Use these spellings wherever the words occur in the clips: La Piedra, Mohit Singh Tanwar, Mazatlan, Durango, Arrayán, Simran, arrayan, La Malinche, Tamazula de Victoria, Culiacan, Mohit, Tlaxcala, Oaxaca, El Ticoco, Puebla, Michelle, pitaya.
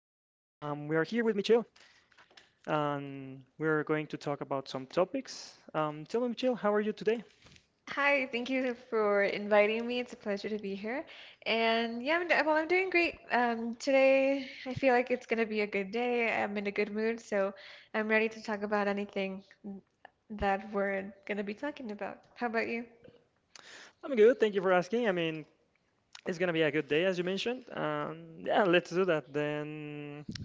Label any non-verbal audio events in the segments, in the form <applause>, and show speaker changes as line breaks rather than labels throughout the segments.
We are here with Michelle, and we're going to talk about some topics. Tell me, Michelle, how are you today?
Hi, thank you for inviting me. It's a pleasure to be here. And yeah, well, I'm doing great. Today, I feel like it's going to be a good day. I'm in a good mood, so I'm ready to talk about anything that we're going to be talking about. How about you?
I'm good. Thank you for asking. I mean, it's gonna be a good day, as you mentioned. Yeah, let's do that. Then, I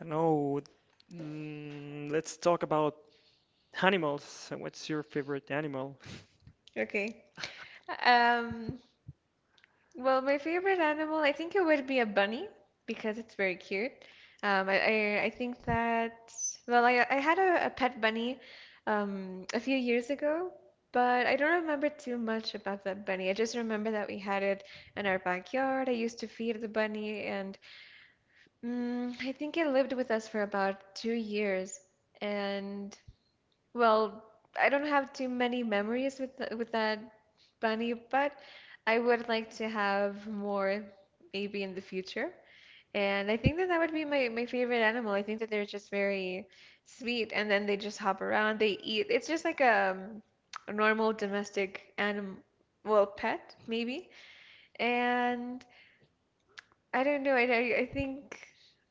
don't know. Let's talk about animals. What's your favorite animal?
Okay. Um, Well, my favorite animal, I think it would be a bunny because it's very cute. Um, I, I think that, well, I had a pet bunny a few years ago, but I don't remember too much about that bunny. I just remember that we had it in our backyard. I used to feed the bunny, and I think it lived with us for about 2 years. And well, I don't have too many memories with th with that bunny, but I would like to have more maybe in the future. And I think that that would be my favorite animal. I think that they're just very sweet and then they just hop around, they eat. It's just like a normal domestic animal, well, pet maybe. And I don't know. I think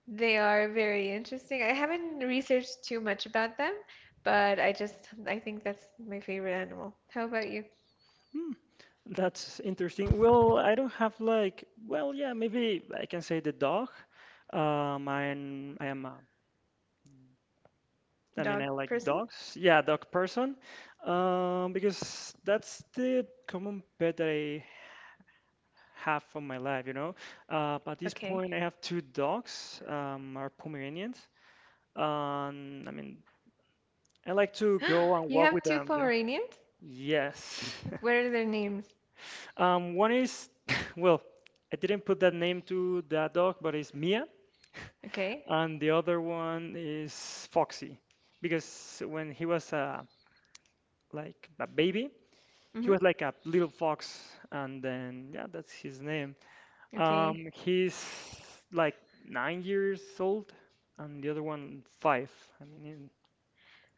they are very interesting. I haven't researched too much about them, but I think that's my favorite animal. How about you?
Hmm, that's interesting. Well, I don't have like. Well, yeah, maybe I can say the dog. Um, I'm, I am a I mean,
Dog
I like
person?
dogs. Yeah, dog person. Because that's the common pet that I have for my life. But at this
Okay.
point, I have two dogs, are Pomeranians. I mean, I like to go
<gasps>
and
You
walk with
have two
them.
Pomeranians?
Yes. <laughs>
What are their names?
One is, <laughs> well, I didn't put that name to that dog, but it's Mia,
Okay.
and the other one is Foxy, because when he was like a baby, he
Mm-hmm.
was like a little fox, and then yeah, that's his name.
Okay.
He's like 9 years old, and the other one five. I mean,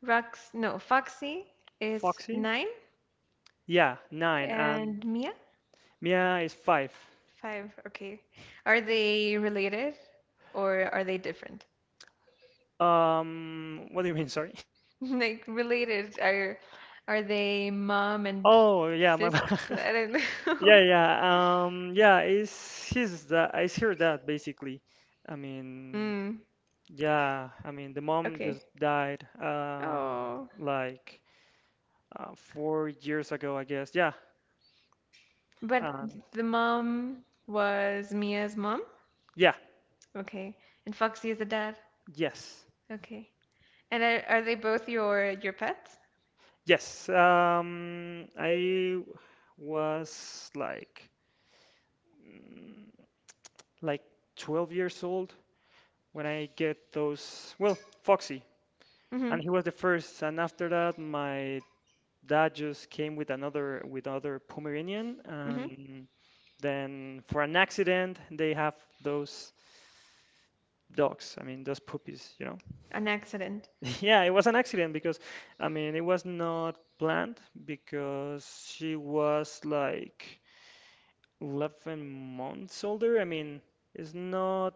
Rox, no, Foxy is
Foxy?
nine
Yeah, nine, and
and Mia?
Mia is five.
Five. Okay. Are they related or are they different?
What do you mean? Sorry. <laughs>
<laughs> Like related are they mom and
Oh yeah, my
sis?
bad. <laughs>
I don't
Yeah,
know. <laughs>
yeah. Yeah, it's his that it's her dad basically. I mean,
Mm,
yeah, the mom
okay.
just died
Oh,
like 4 years ago, I guess. Yeah.
but
Um,
the mom was Mia's mom.
yeah.
Okay, and Foxy is the dad.
Yes.
Okay, and are they both your pets?
Yes. I was like mm, like 12 years old when I get those. Well, Foxy,
Mm-hmm.
and he was the first. And after that, my dad just came with another with other Pomeranian,
Mm-hmm.
and then for an accident, they have those dogs. I mean, those puppies.
An accident.
<laughs> Yeah, it was an accident because, I mean, it was not planned because she was like 11 months older. I mean, it's not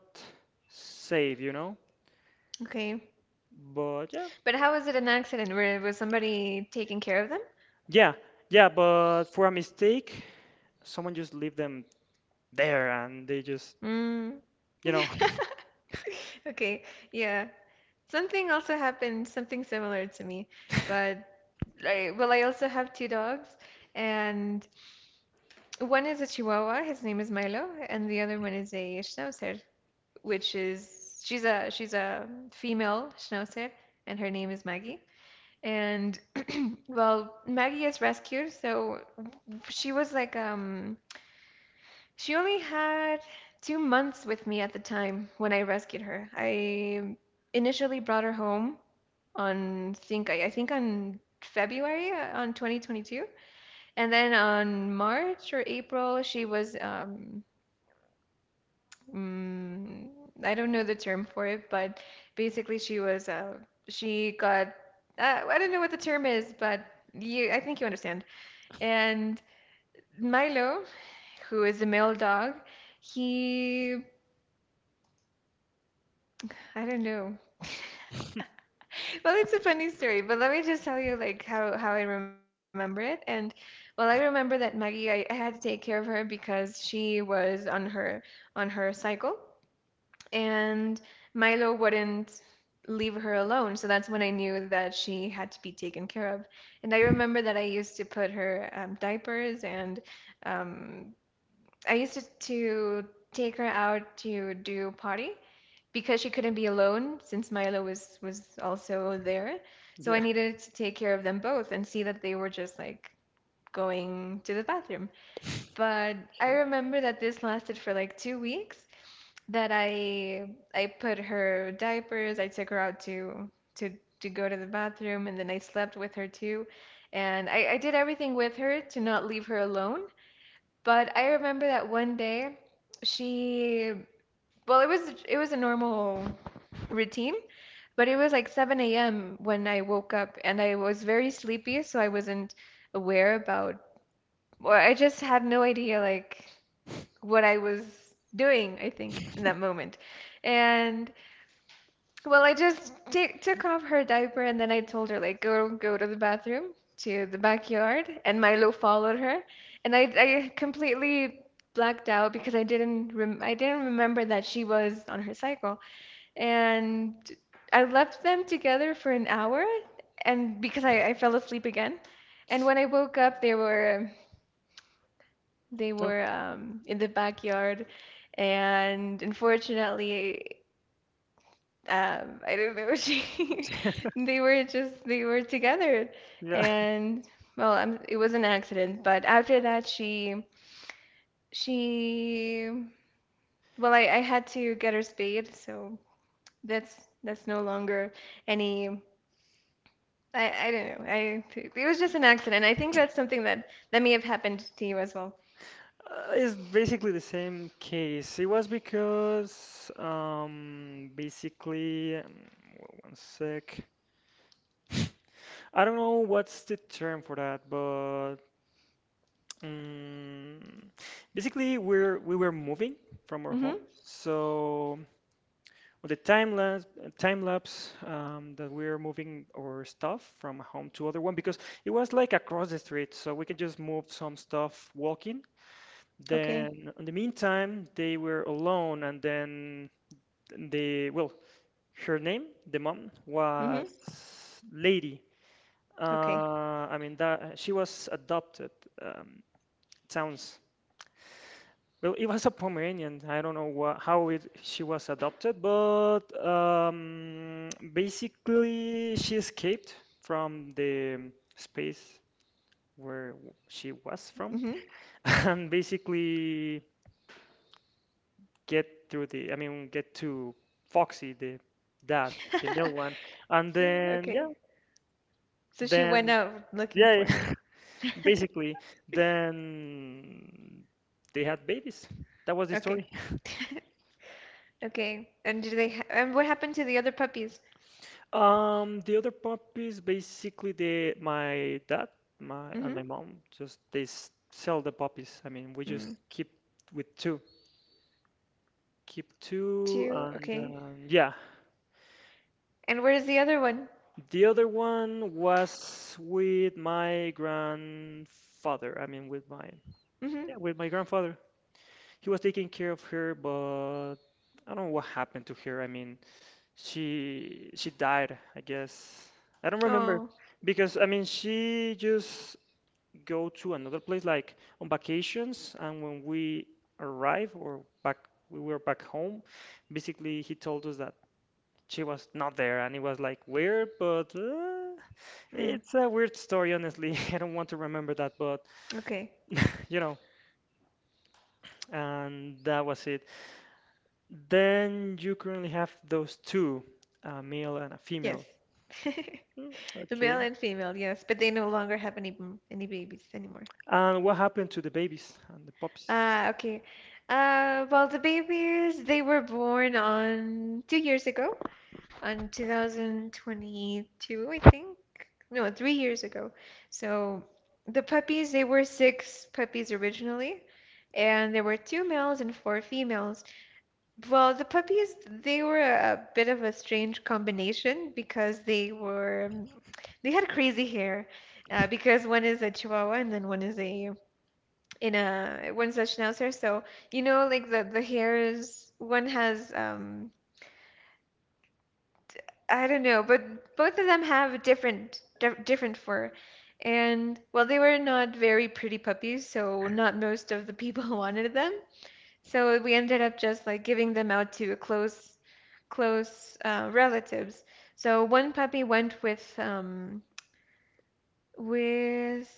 safe, you know?
Okay,
But yeah,
but how was it an accident? Where was somebody taking care of
yeah, yeah, but for a mistake, someone just leave them there and they just,
them?
you
Mm.
know,
<laughs> Okay, yeah. Something also happened, something similar to me, but well, I also have two dogs, and one is a Chihuahua. His name is Milo, and the other one is a Schnauzer, which is she's a female Schnauzer, and her name is Maggie. And well, Maggie is rescued, so she was like she only had 2 months with me at the time when I rescued her. I initially brought her home I think on February on 2022. And then on March or April, she was, mm, I don't know the term for it, but basically she got, I don't know what the term is, but I think you understand. And Milo, who is a male dog, he, I don't know. <laughs> Well, it's a funny story, but let me just tell you like how I remember it. And well, I remember that Maggie, I had to take care of her because she was on her cycle, and Milo wouldn't leave her alone. So that's when I knew that she had to be taken care of. And I remember that I used to put her diapers and um, I used to take her out to do potty because she couldn't be alone since Milo was also there. So I
<laughs> yeah,
needed to take care of them both and see that they were just like going to the bathroom. But I
okay.
remember that this lasted for like 2 weeks that I put her diapers, I took her out to to go to the bathroom, and then I slept with her too. And I did everything with her to not leave her alone. But I remember that one day she well, it was a normal routine, but it was like 7 a.m. when I woke up and I was very sleepy, so I wasn't aware about or I just had no idea like what I was doing, I think, in that moment. And well, I just t took off her diaper and then I told her like go to the bathroom to the backyard and Milo followed her and I completely blacked out because I didn't remember that she was on her cycle and I left them together for an hour and because I fell asleep again and when I woke up they were they
Uh,
were um, in the backyard and unfortunately I don't know. <laughs> They were just they were together,
Yeah, <laughs>
and well, I it was an accident. But after that, she well, I had to get her spayed, so that's no longer any. I don't know. I it was just an accident. I think that's something that may have happened to you as well.
It's basically the same case. It was because, basically, one sec. <laughs> I don't know what's the term for that, but mm, basically we were moving from our home.
Mm-hmm.
So on the time lapse, that we're moving our stuff from home to other one because it was like across the street, so we can just move some stuff walking.
Okay.
Then in the meantime they were alone, and then they well her name the mom was
Mm-hmm.
Lady.
Okay.
I mean that she was adopted. Um, it sounds well. It was a Pomeranian. I don't know wha how it, she was adopted, but basically she escaped from the space where she was from,
Mm-hmm. <laughs>
<laughs> and basically get through the. I mean, get to Foxy, the dad, the male one, and
So,
then yeah,
okay. So she went
then
out looking
yeah.
for
<laughs>
him. <laughs>
Basically, then they had babies. That was the
Okay.
story.
<laughs> Okay. And do they ha and what happened to the other puppies?
The other puppies, basically, they my dad, my and my
Mm-hmm.
mom just sell the puppies. I mean, we
Mm.
just with two, keep two,
Two.
and
Okay.
yeah.
And where is the other one?
The other one was with my grandfather. I mean, with my yeah,
Mm-hmm.
with my grandfather. He was taking care of her, but I don't know what happened to her. I mean, she died, I guess. I don't remember
Oh.
because I mean she just go to another place like on vacations and when we arrived or back we were back home, basically he told us that she was not there and it was like weird but
Mm.
it's a weird story honestly. <laughs> I don't want to remember that but
Okay.
you know and that was it. Then you currently have those two, a male and a
Yes. <laughs>
female. Hmm,
The male
okay.
and female, yes, but they no longer have any babies anymore.
And what happened to the babies and the puppies?
Ah, okay. Well, the babies they were born on 2 years ago. On 2022, I think. No, 3 years ago. So the puppies, they were six puppies originally, and there were two males and four females. Well, the puppies, they were a bit of a strange combination because they had crazy hair. Because one is a Chihuahua and then one is a in a one's a Schnauzer. So like the hair is one has I don't know, but both of them have a different different fur. And well, they were not very pretty puppies, so not most of the people <laughs> wanted them. So we ended up just like giving them out to close relatives. So one puppy went with um with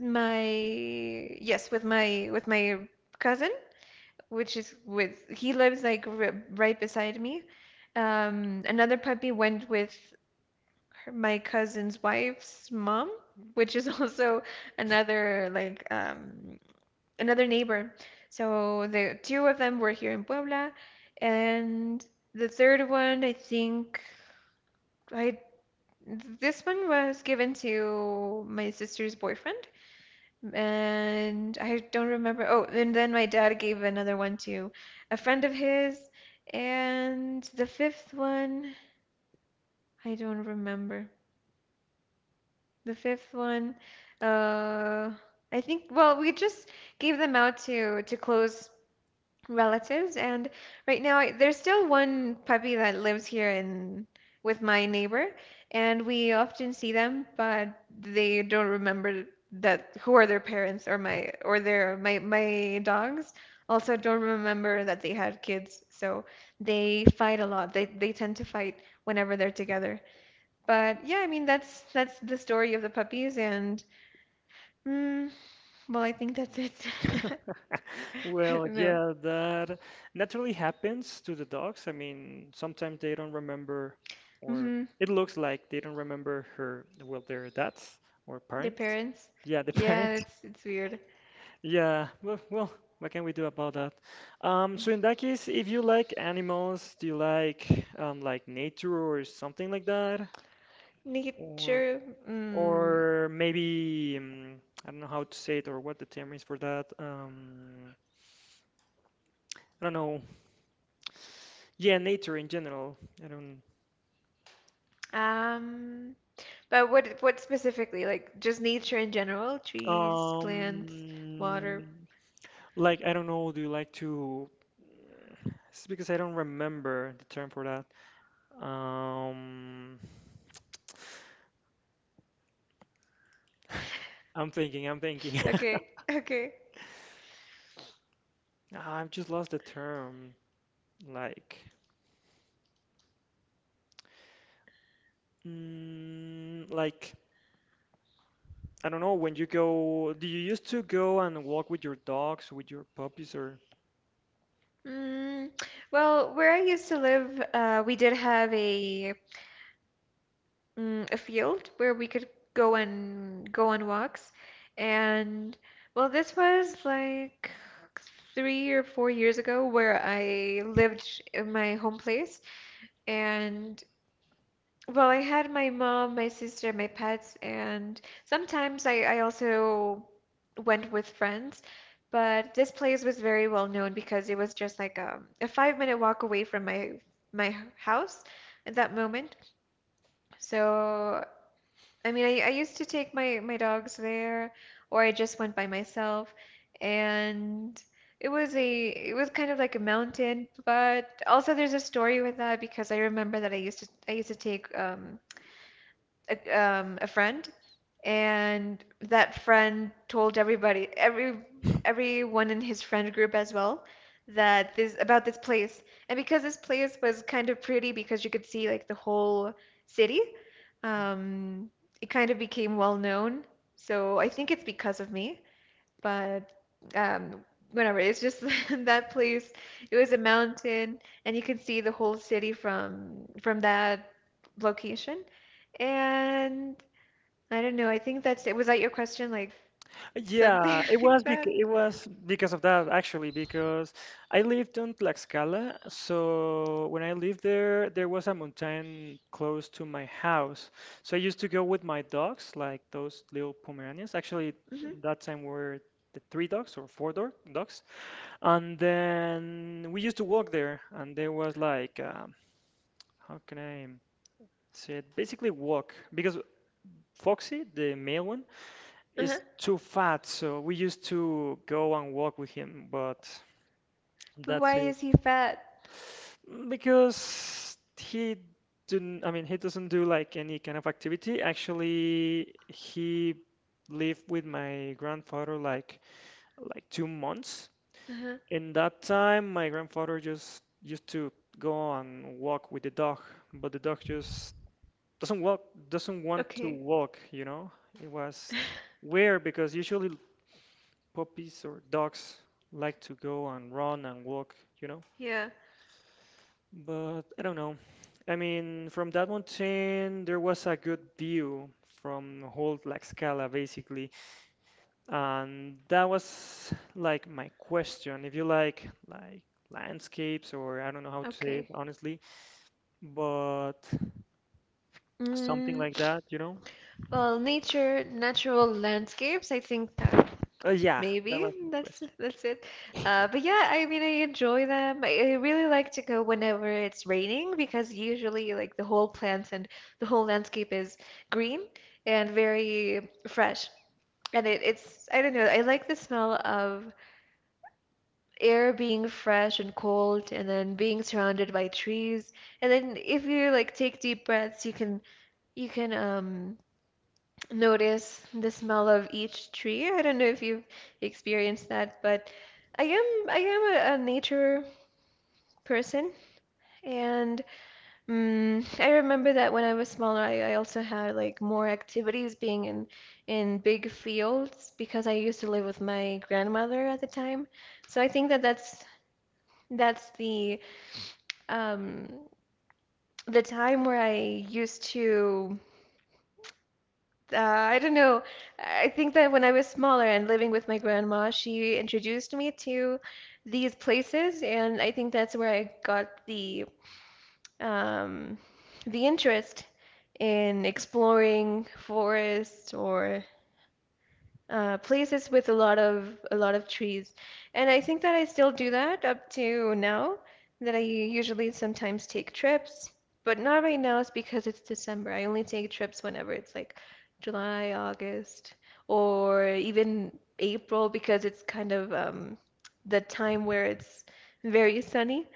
my yes, with my cousin, which is with he lives like r right beside me. Another puppy went with her, my cousin's wife's mom, which is <laughs> also another like another neighbor. So the two of them were here in Puebla, and the third one, I think I this one was given to my sister's boyfriend, and I don't remember. Oh, and then my dad gave another one to a friend of his, and the fifth one, I don't remember. The fifth one, uh, I think, well, we just gave them out to close relatives, and right now there's still one puppy that lives here in with my neighbor, and we often see them, but they don't remember that who are their parents or my or their my my dogs also don't remember that they had kids, so they fight a lot. They tend to fight whenever they're together. But yeah, I mean that's the story of the puppies, and mm, well, I think that's it. <laughs> I
Well,
don't know.
yeah, that naturally happens to the dogs. I mean, sometimes they don't remember, or
Hmm.
it looks like they don't remember her, well, their dads or
Their
parents.
parents.
Yeah, the <laughs>
Yeah,
parents.
it's weird.
Yeah, well, what can we do about that? So in that case, if you like animals, do you like nature or something like that? Or
Nature. Mm,
or maybe I don't know how to say it or what the term is for that. I don't know. Yeah, nature in general. I don't.
um, but what specifically? Like just nature in general? Trees, plants, water.
Um, like I don't know. Do you like to? It's because I don't remember the term for that. Um, I'm thinking. I'm thinking.
Okay, okay.
<laughs> I've just lost the term. Like, mm, like I don't know. When you go, do you used to go and walk with your dogs, with your puppies, or?
Mm, well, where I used to live, we did have a field where we could go and go on walks. And well, this was like 3 or 4 years ago where I lived in my home place. And well, I had my mom, my sister, my pets, and sometimes I also went with friends. But this place was very well known because it was just like a 5 minute walk away from my house at that moment. So I mean, I used to take my dogs there, or I just went by myself, and it was kind of like a mountain, but also there's a story with that because I remember that I used to take a friend, and that friend told everybody, everyone in his friend group as well, that this about this place. And because this place was kind of pretty, because you could see like the whole city, um, it kind of became well known. So I think it's because of me, but um, whatever. It's just <laughs> that place. It was a mountain, and you could see the whole city from that location. And I don't know, I think that's it. Was that your question? Like something
Yeah, it
<laughs> like
was bec
that?
it was because of that actually because I lived on Tlaxcala, so when I lived there, there was a mountain close to my house. So I used to go with my dogs, like those little Pomeranians. Actually,
Hmm.
that time were the three dogs or four dogs, and then we used to walk there, and there was like how can I say it? Basically, walk because Foxy, the male one.
Uh-huh.
He's too fat, so we used to go and walk with him, but
But
that's
why
it.
is he fat?
Because he didn't, I mean, he doesn't do like any kind of activity. Actually, he lived with my grandfather like 2 months.
Uh-huh.
In that time, my grandfather just used to go and walk with the dog, but the dog just doesn't walk, doesn't want to
Okay.
walk, you know? It was
<laughs>
weird because usually puppies or dogs like to go and run and walk, you know?
Yeah.
But I don't know. I mean, from that mountain, there was a good view from whole Tlaxcala, basically. And that was like my question. If you like, landscapes, or I don't know how to say it
Okay.
honestly, but something
Mm,
like that, you know?
well, nature, natural landscapes, I think that
Yeah, that
maybe
was my
that's
question.
that's it. But yeah, I mean, I enjoy them. I really like to go whenever it's raining because usually like the whole plants and the whole landscape is green and very fresh. And I don't know, I like the smell of air being fresh and cold and then being surrounded by trees. And then if you like take deep breaths, you can notice the smell of each tree. I don't know if you've experienced that, but I am a nature person. And Mm, I remember that when I was smaller, I also had like more activities being in big fields because I used to live with my grandmother at the time. So I think that that's that's the um the time where I used to I don't know. I think that when I was smaller and living with my grandma, she introduced me to these places, and I think that's where I got um, the interest in exploring forests or places with a lot of trees. And I think that I still do that up to now, that I usually sometimes take trips, but not right now, it's because it's December. I only take trips whenever it's like July, August, or even April because it's kind of the time where it's very sunny.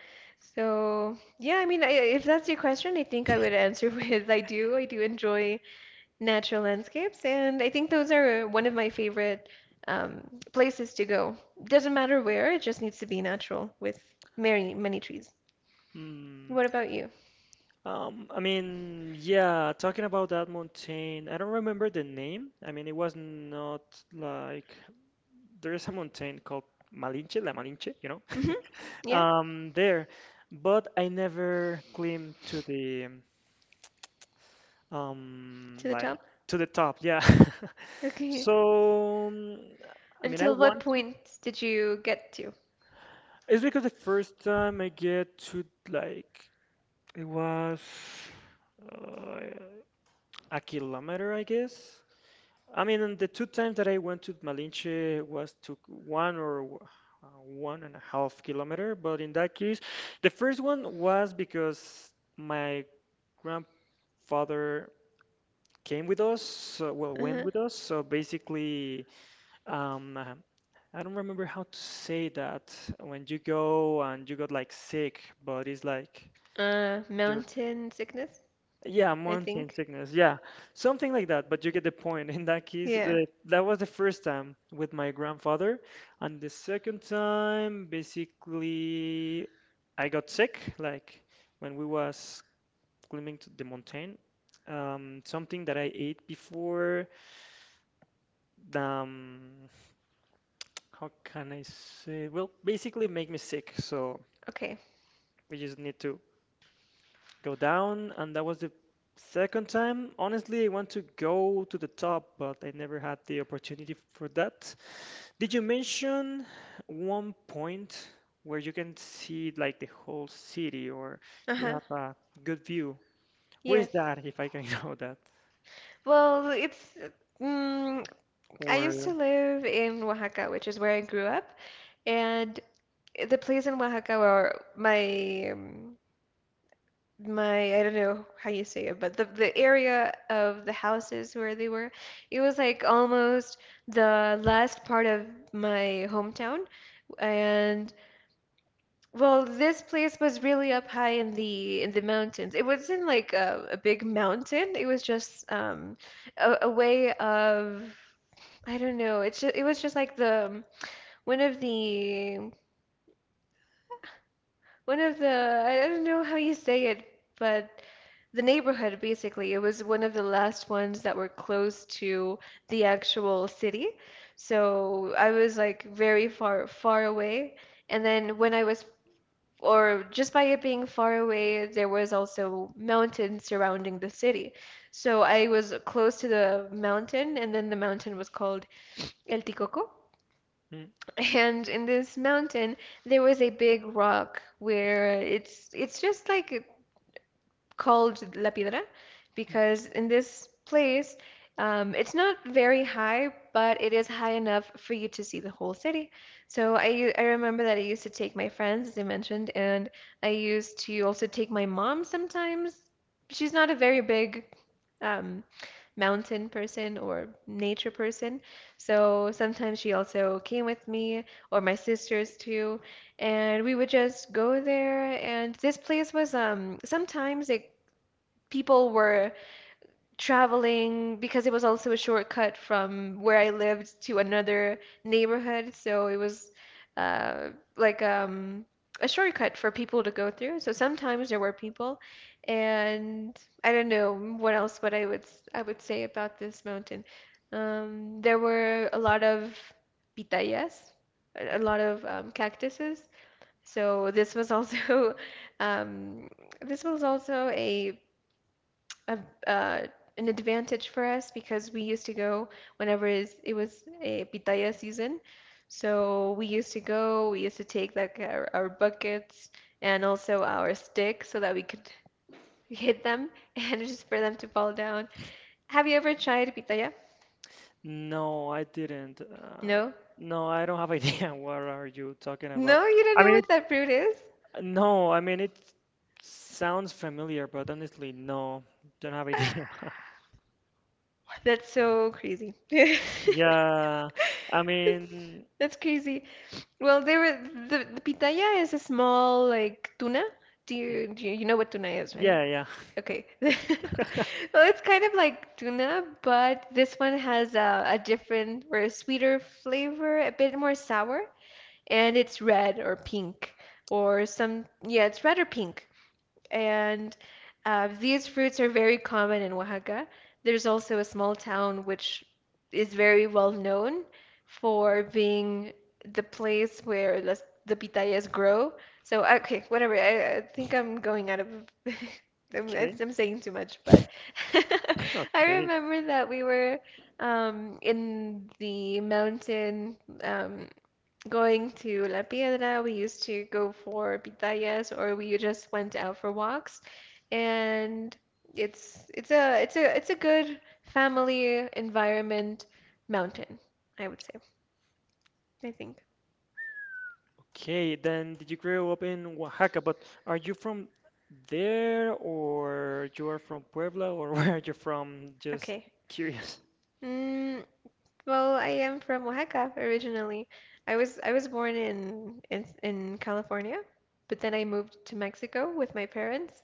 So, yeah, I mean, I, if that's your question, I think I would answer <laughs> with I do. I do enjoy natural landscapes, and I think those are one of my favorite um, places to go. Doesn't matter where, it just needs to be natural with many, many trees.
Hmm.
What about you?
I mean, yeah, talking about that mountain, I don't remember the name. I mean, it was not like there is a mountain called Malinche, La Malinche,
Hmm.
<laughs>
Yeah,
there, but I never climbed to the
to the
like
top?
to the top, yeah. <laughs>
Okay.
So, I mean, I
Until what
want to.
point did you get to?
It's because the first time I get to like it was uh, a kilometer, I guess. I mean, and the two times that I went to Malinche was took one or 1.5 kilometer, but in that case, the first one was because my grandfather came with us, so, well, went
Uh-huh.
with us. So basically, um, uh, I don't remember how to say that when you go and you got like sick, but it's like you're
Mountain sickness,
yeah,
I
mountain
think.
sickness. Yeah, something like that. But you get the point. In that case,
Yeah.
that was the first time with my grandfather, and the second time, basically, I got sick. Like when we was climbing to the mountain, something that I ate before. Um, <tsk> how can I say? Well, basically, make me sick. So
Okay.
we just need to go down, and that was the second time. Honestly, I want to go to the top, but I never had the opportunity for that. Did you mention one point where you can see like the whole city or you
Uh-huh.
have a good view? Where is
Yes.
that, if I can <laughs> know that?
Well, it's mm, I used to
Or
live in Oaxaca, which is where I grew up, and the place in Oaxaca where my my I don't know how you say it, but the area of the houses where they were, it was like almost the last part of my hometown. And well, this place was really up high in the mountains. It wasn't like a big mountain. It was just a way of I don't know. It's just, it was just like the one of the one of the I don't know how you say it, but the neighborhood basically. It was one of the last ones that were close to the actual city. So I was like very far far away. And then when I was or just by it being far away, there was also mountains surrounding the city. So I was close to the mountain and then the mountain was called El Ticoco.
Mm,
<laughs> And in this mountain, there was a big rock where it's just like called La Piedra
mm,
because in this place, it's not very high, but it is high enough for you to see the whole city. So I remember that I used to take my friends, as I mentioned, and I used to also take my mom sometimes. She's not a very big um, mountain person or nature person, so sometimes she also came with me or my sisters too, and we would just go there. And this place was sometimes it people were traveling because it was also a shortcut from where I lived to another neighborhood. So it was uh, like a shortcut for people to go through. So sometimes there were people, and I don't know what else what I would say about this mountain. There were a lot of pitayas, a
mm.
lot of cactuses. So this was also <laughs> um, this was also a, uh, an advantage for us because we used to go whenever it was a pitaya season. So we used to go, we used to take like our buckets and also our sticks so that we could <laughs> hit them and <laughs> just for them to fall down. Have you ever tried pitaya?
No, I didn't.
No?
No, I don't have idea <laughs> what are you talking about.
No, you don't
I
know
mean,
what that fruit is?
no, I mean it sounds familiar, but honestly, no, don't have idea.
<laughs>
<laughs>
That's so crazy. <laughs>
Yeah, I mean,
That's crazy. Well, there were the pitaya is a small like tuna. Do you know what tuna is, right?
yeah, yeah. <laughs>
Okay. <laughs> Well, it's kind of like tuna, but this one has a different or a sweeter flavor, a bit more sour, and it's red or pink or some yeah, it's red or pink. And these fruits are very common in Oaxaca. There's also a small town which is very well known for being the place where the pitayas grow. So, okay, whatever. I think I'm going out of. <laughs> I'm,
Okay,
I'm saying too much, but <laughs> I
okay,
remember that we were in the mountain. Um, Going to La Piedra, we used to go for pitayas or we just went out for walks. And it's a good family environment mountain, I would say, I think.
okay. Then did you grow up in Oaxaca? But are you from there, or you are from Puebla, or <laughs> where are you from? Just
Okay.
curious.
Mm, well, I am from Oaxaca originally. I was born in California, but then I moved to Mexico with my parents,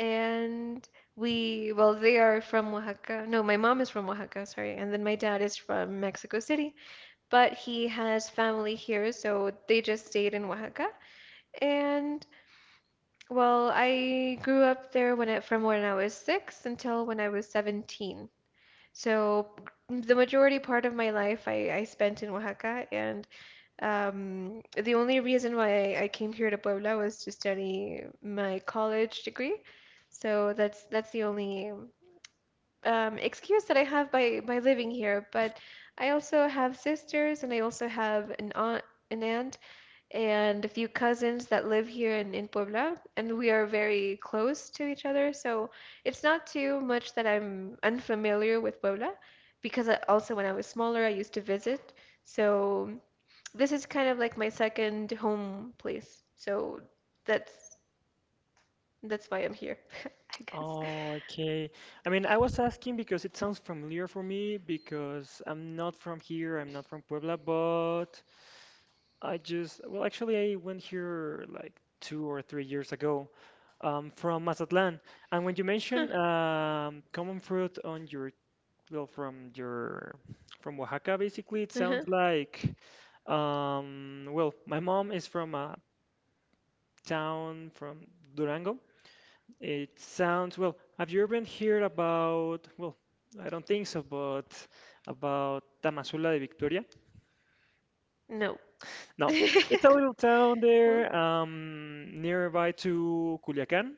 and we well they are from Oaxaca. No, my mom is from Oaxaca, sorry, and then my dad is from Mexico City, but he has family here, so they just stayed in Oaxaca. And well, I grew up there when I, from when I was six until when I was 17. So the majority part of my life I spent in Oaxaca, and the only reason why I came here to Puebla was to study my college degree. So that's the only excuse that I have by living here. But I also have sisters, and I also have an aunt and a few cousins that live here in Puebla, and we are very close to each other. So it's not too much that I'm unfamiliar with Puebla, because I, also when I was smaller, I used to visit. So this is kind of like my second home place. So that's that's why I'm here, <laughs> I guess.
Oh, okay. I mean, I was asking because it sounds familiar for me because I'm not from here, I'm not from Puebla, but I just, well, actually, I went here like 2 or 3 years ago from Mazatlan. And when you
Huh,
mentioned common fruit well, from your, from Oaxaca, basically, it
uh-huh.
sounds like, well, my mom is from a town from Durango. It sounds, well, have you ever heard about, well, I don't think so, but about Tamazula de Victoria?
No.
No, it's a
<laughs>
little town
Well,
there, nearby to Culiacan,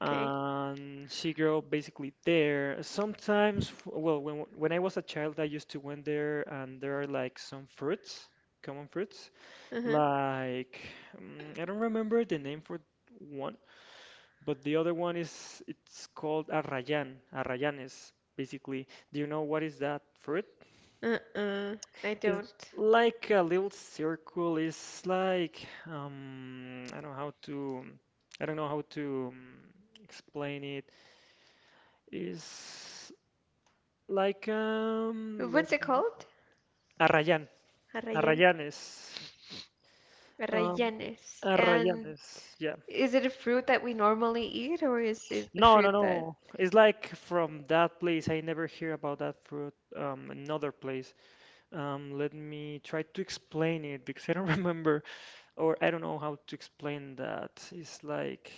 okay.
and she grew up basically there. Sometimes, well, when I was a child, I used to went there, and there are like some fruits, common fruits,
Uh-huh.
like I don't remember the name for one, but the other one is it's called arrayan. Arrayan is basically, do you know what is that fruit?
Uh-uh. I
It's
don't.
like a little circle. It's like I don't know how to I don't know how to explain it. It's like
What's it called?
Arrayan,
Arrayan.
Arrayanes, um,
Arrayanes. And
Arrayanes. Yeah.
is it a fruit that we normally eat, or is it a
No, no,
fruit that?
no. It's like from that place. I never hear about that fruit. Another place. Let me try to explain it because I don't <laughs> remember or I don't know how to explain that. It's like.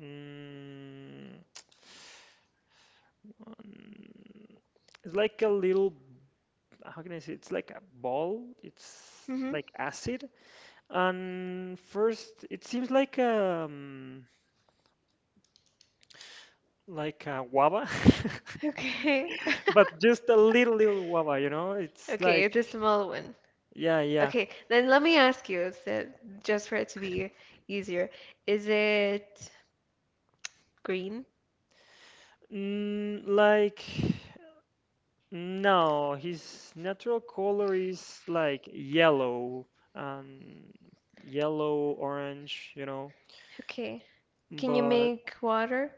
Mm, um, it's like a little, how can I say? It's like a ball. It's
Hmm.
like acid. And first, it seems like a guava,
Okay.
<laughs>
<laughs>
but just a little guava. You know, it's
Okay,
like
it's a small one.
yeah yeah.
Okay, then let me ask you, so just for it to be easier, is it green?
Like no, his natural color is like yellow, um, yellow orange. You know,
Okay. Can you
but.
make water?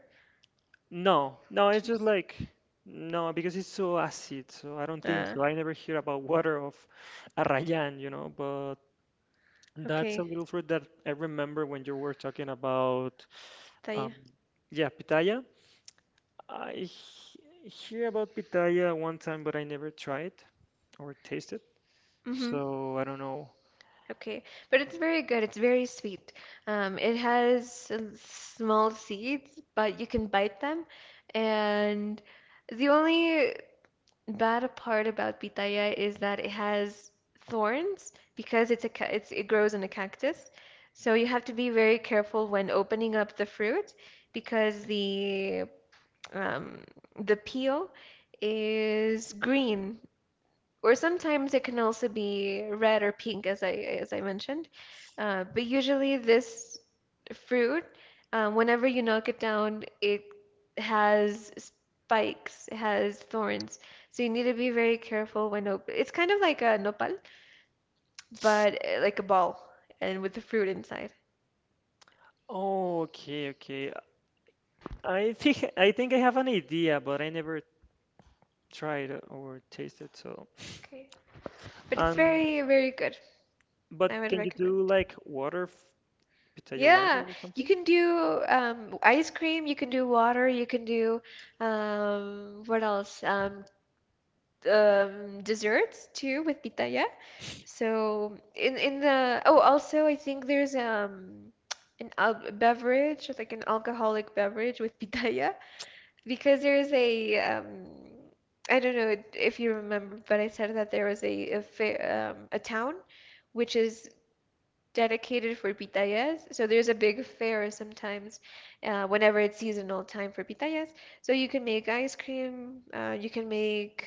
No, no, it's just
Juice.
like no, because it's so acid, so I don't think
Uh,
so. I never hear about water of Arrayan, but that's a
okay.
little fruit that I remember when you were talking about um
Taya.
yeah, pitaya. I hear about pitaya one time, but I never tried or tasted.
Mm-hmm.
So I don't know.
Okay. But it's very good. It's very sweet. It has small seeds, but you can bite them. And the only bad part about pitaya is that it has thorns because it's it grows on a cactus. So you have to be very careful when opening up the fruit because um, the peel is green or sometimes it can also be red or pink, as I mentioned. But usually this fruit, whenever you knock it down, it has spikes, it has thorns. So you need to be very careful when open. It's kind of like a nopal, but like a ball and with the fruit inside.
Oh, okay, okay. I think I have an idea, but I never tried or tasted, so
Okay. But it's
um
very, very good. I
But
would
can you do
recommend.
like water, pitaya water
Yeah,
or
you
something?
can do ice cream, you can do water, you can do what else? Desserts too with pitaya. So in the oh also I think there's an al beverage like an alcoholic beverage with pitaya because there's a I don't know if you remember but I said that there was a fair, a town which is dedicated for pitayas. So there's a big fair sometimes whenever it's seasonal time for pitayas. So you can make ice cream, you can make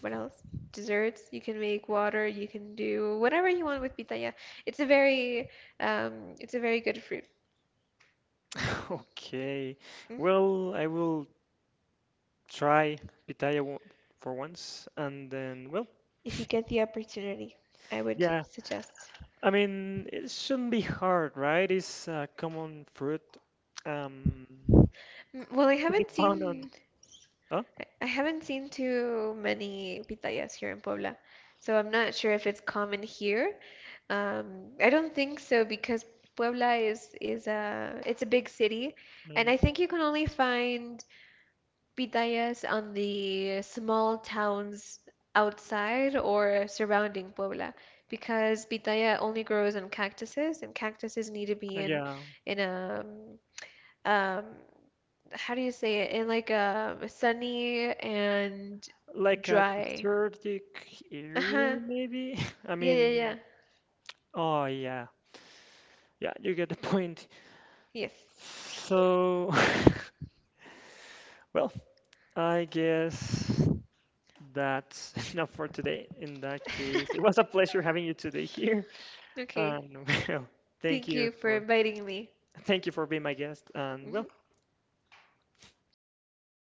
what else? Desserts. You can make water. You can do whatever you want with pitaya. It's a very, it's a very good fruit.
<laughs> Okay.
Mm.
Well, I will try pitaya for once and then, well,
If you get the opportunity, I would
yeah.
suggest.
I mean, it shouldn't be hard, right? It's a common fruit um
Mm, well,
to be found on huh?
I haven't seen too many pitayas here in Puebla, so I'm not sure if it's common here. I don't think so because Puebla is a it's a big city, and
Mm,
I think you can only find pitayas on the small towns outside or surrounding Puebla because pitaya only grows on cactuses and cactuses need to be
yeah,
in a um, um, how do you say it in like a sunny and
like a
dry.
desertic area
Uh-huh.
maybe. <laughs> I
Yeah, yeah, yeah.
mean, oh yeah. Yeah, you get the point.
Yes. <laughs>
So, <laughs> well, I guess that's <laughs> enough for today. In that case, it was a pleasure having you today here.
Okay.
And <laughs> well, thank
Thank
you
you for
for
inviting me.
thank you for being my guest. And well,
Hmm. Okay, see you.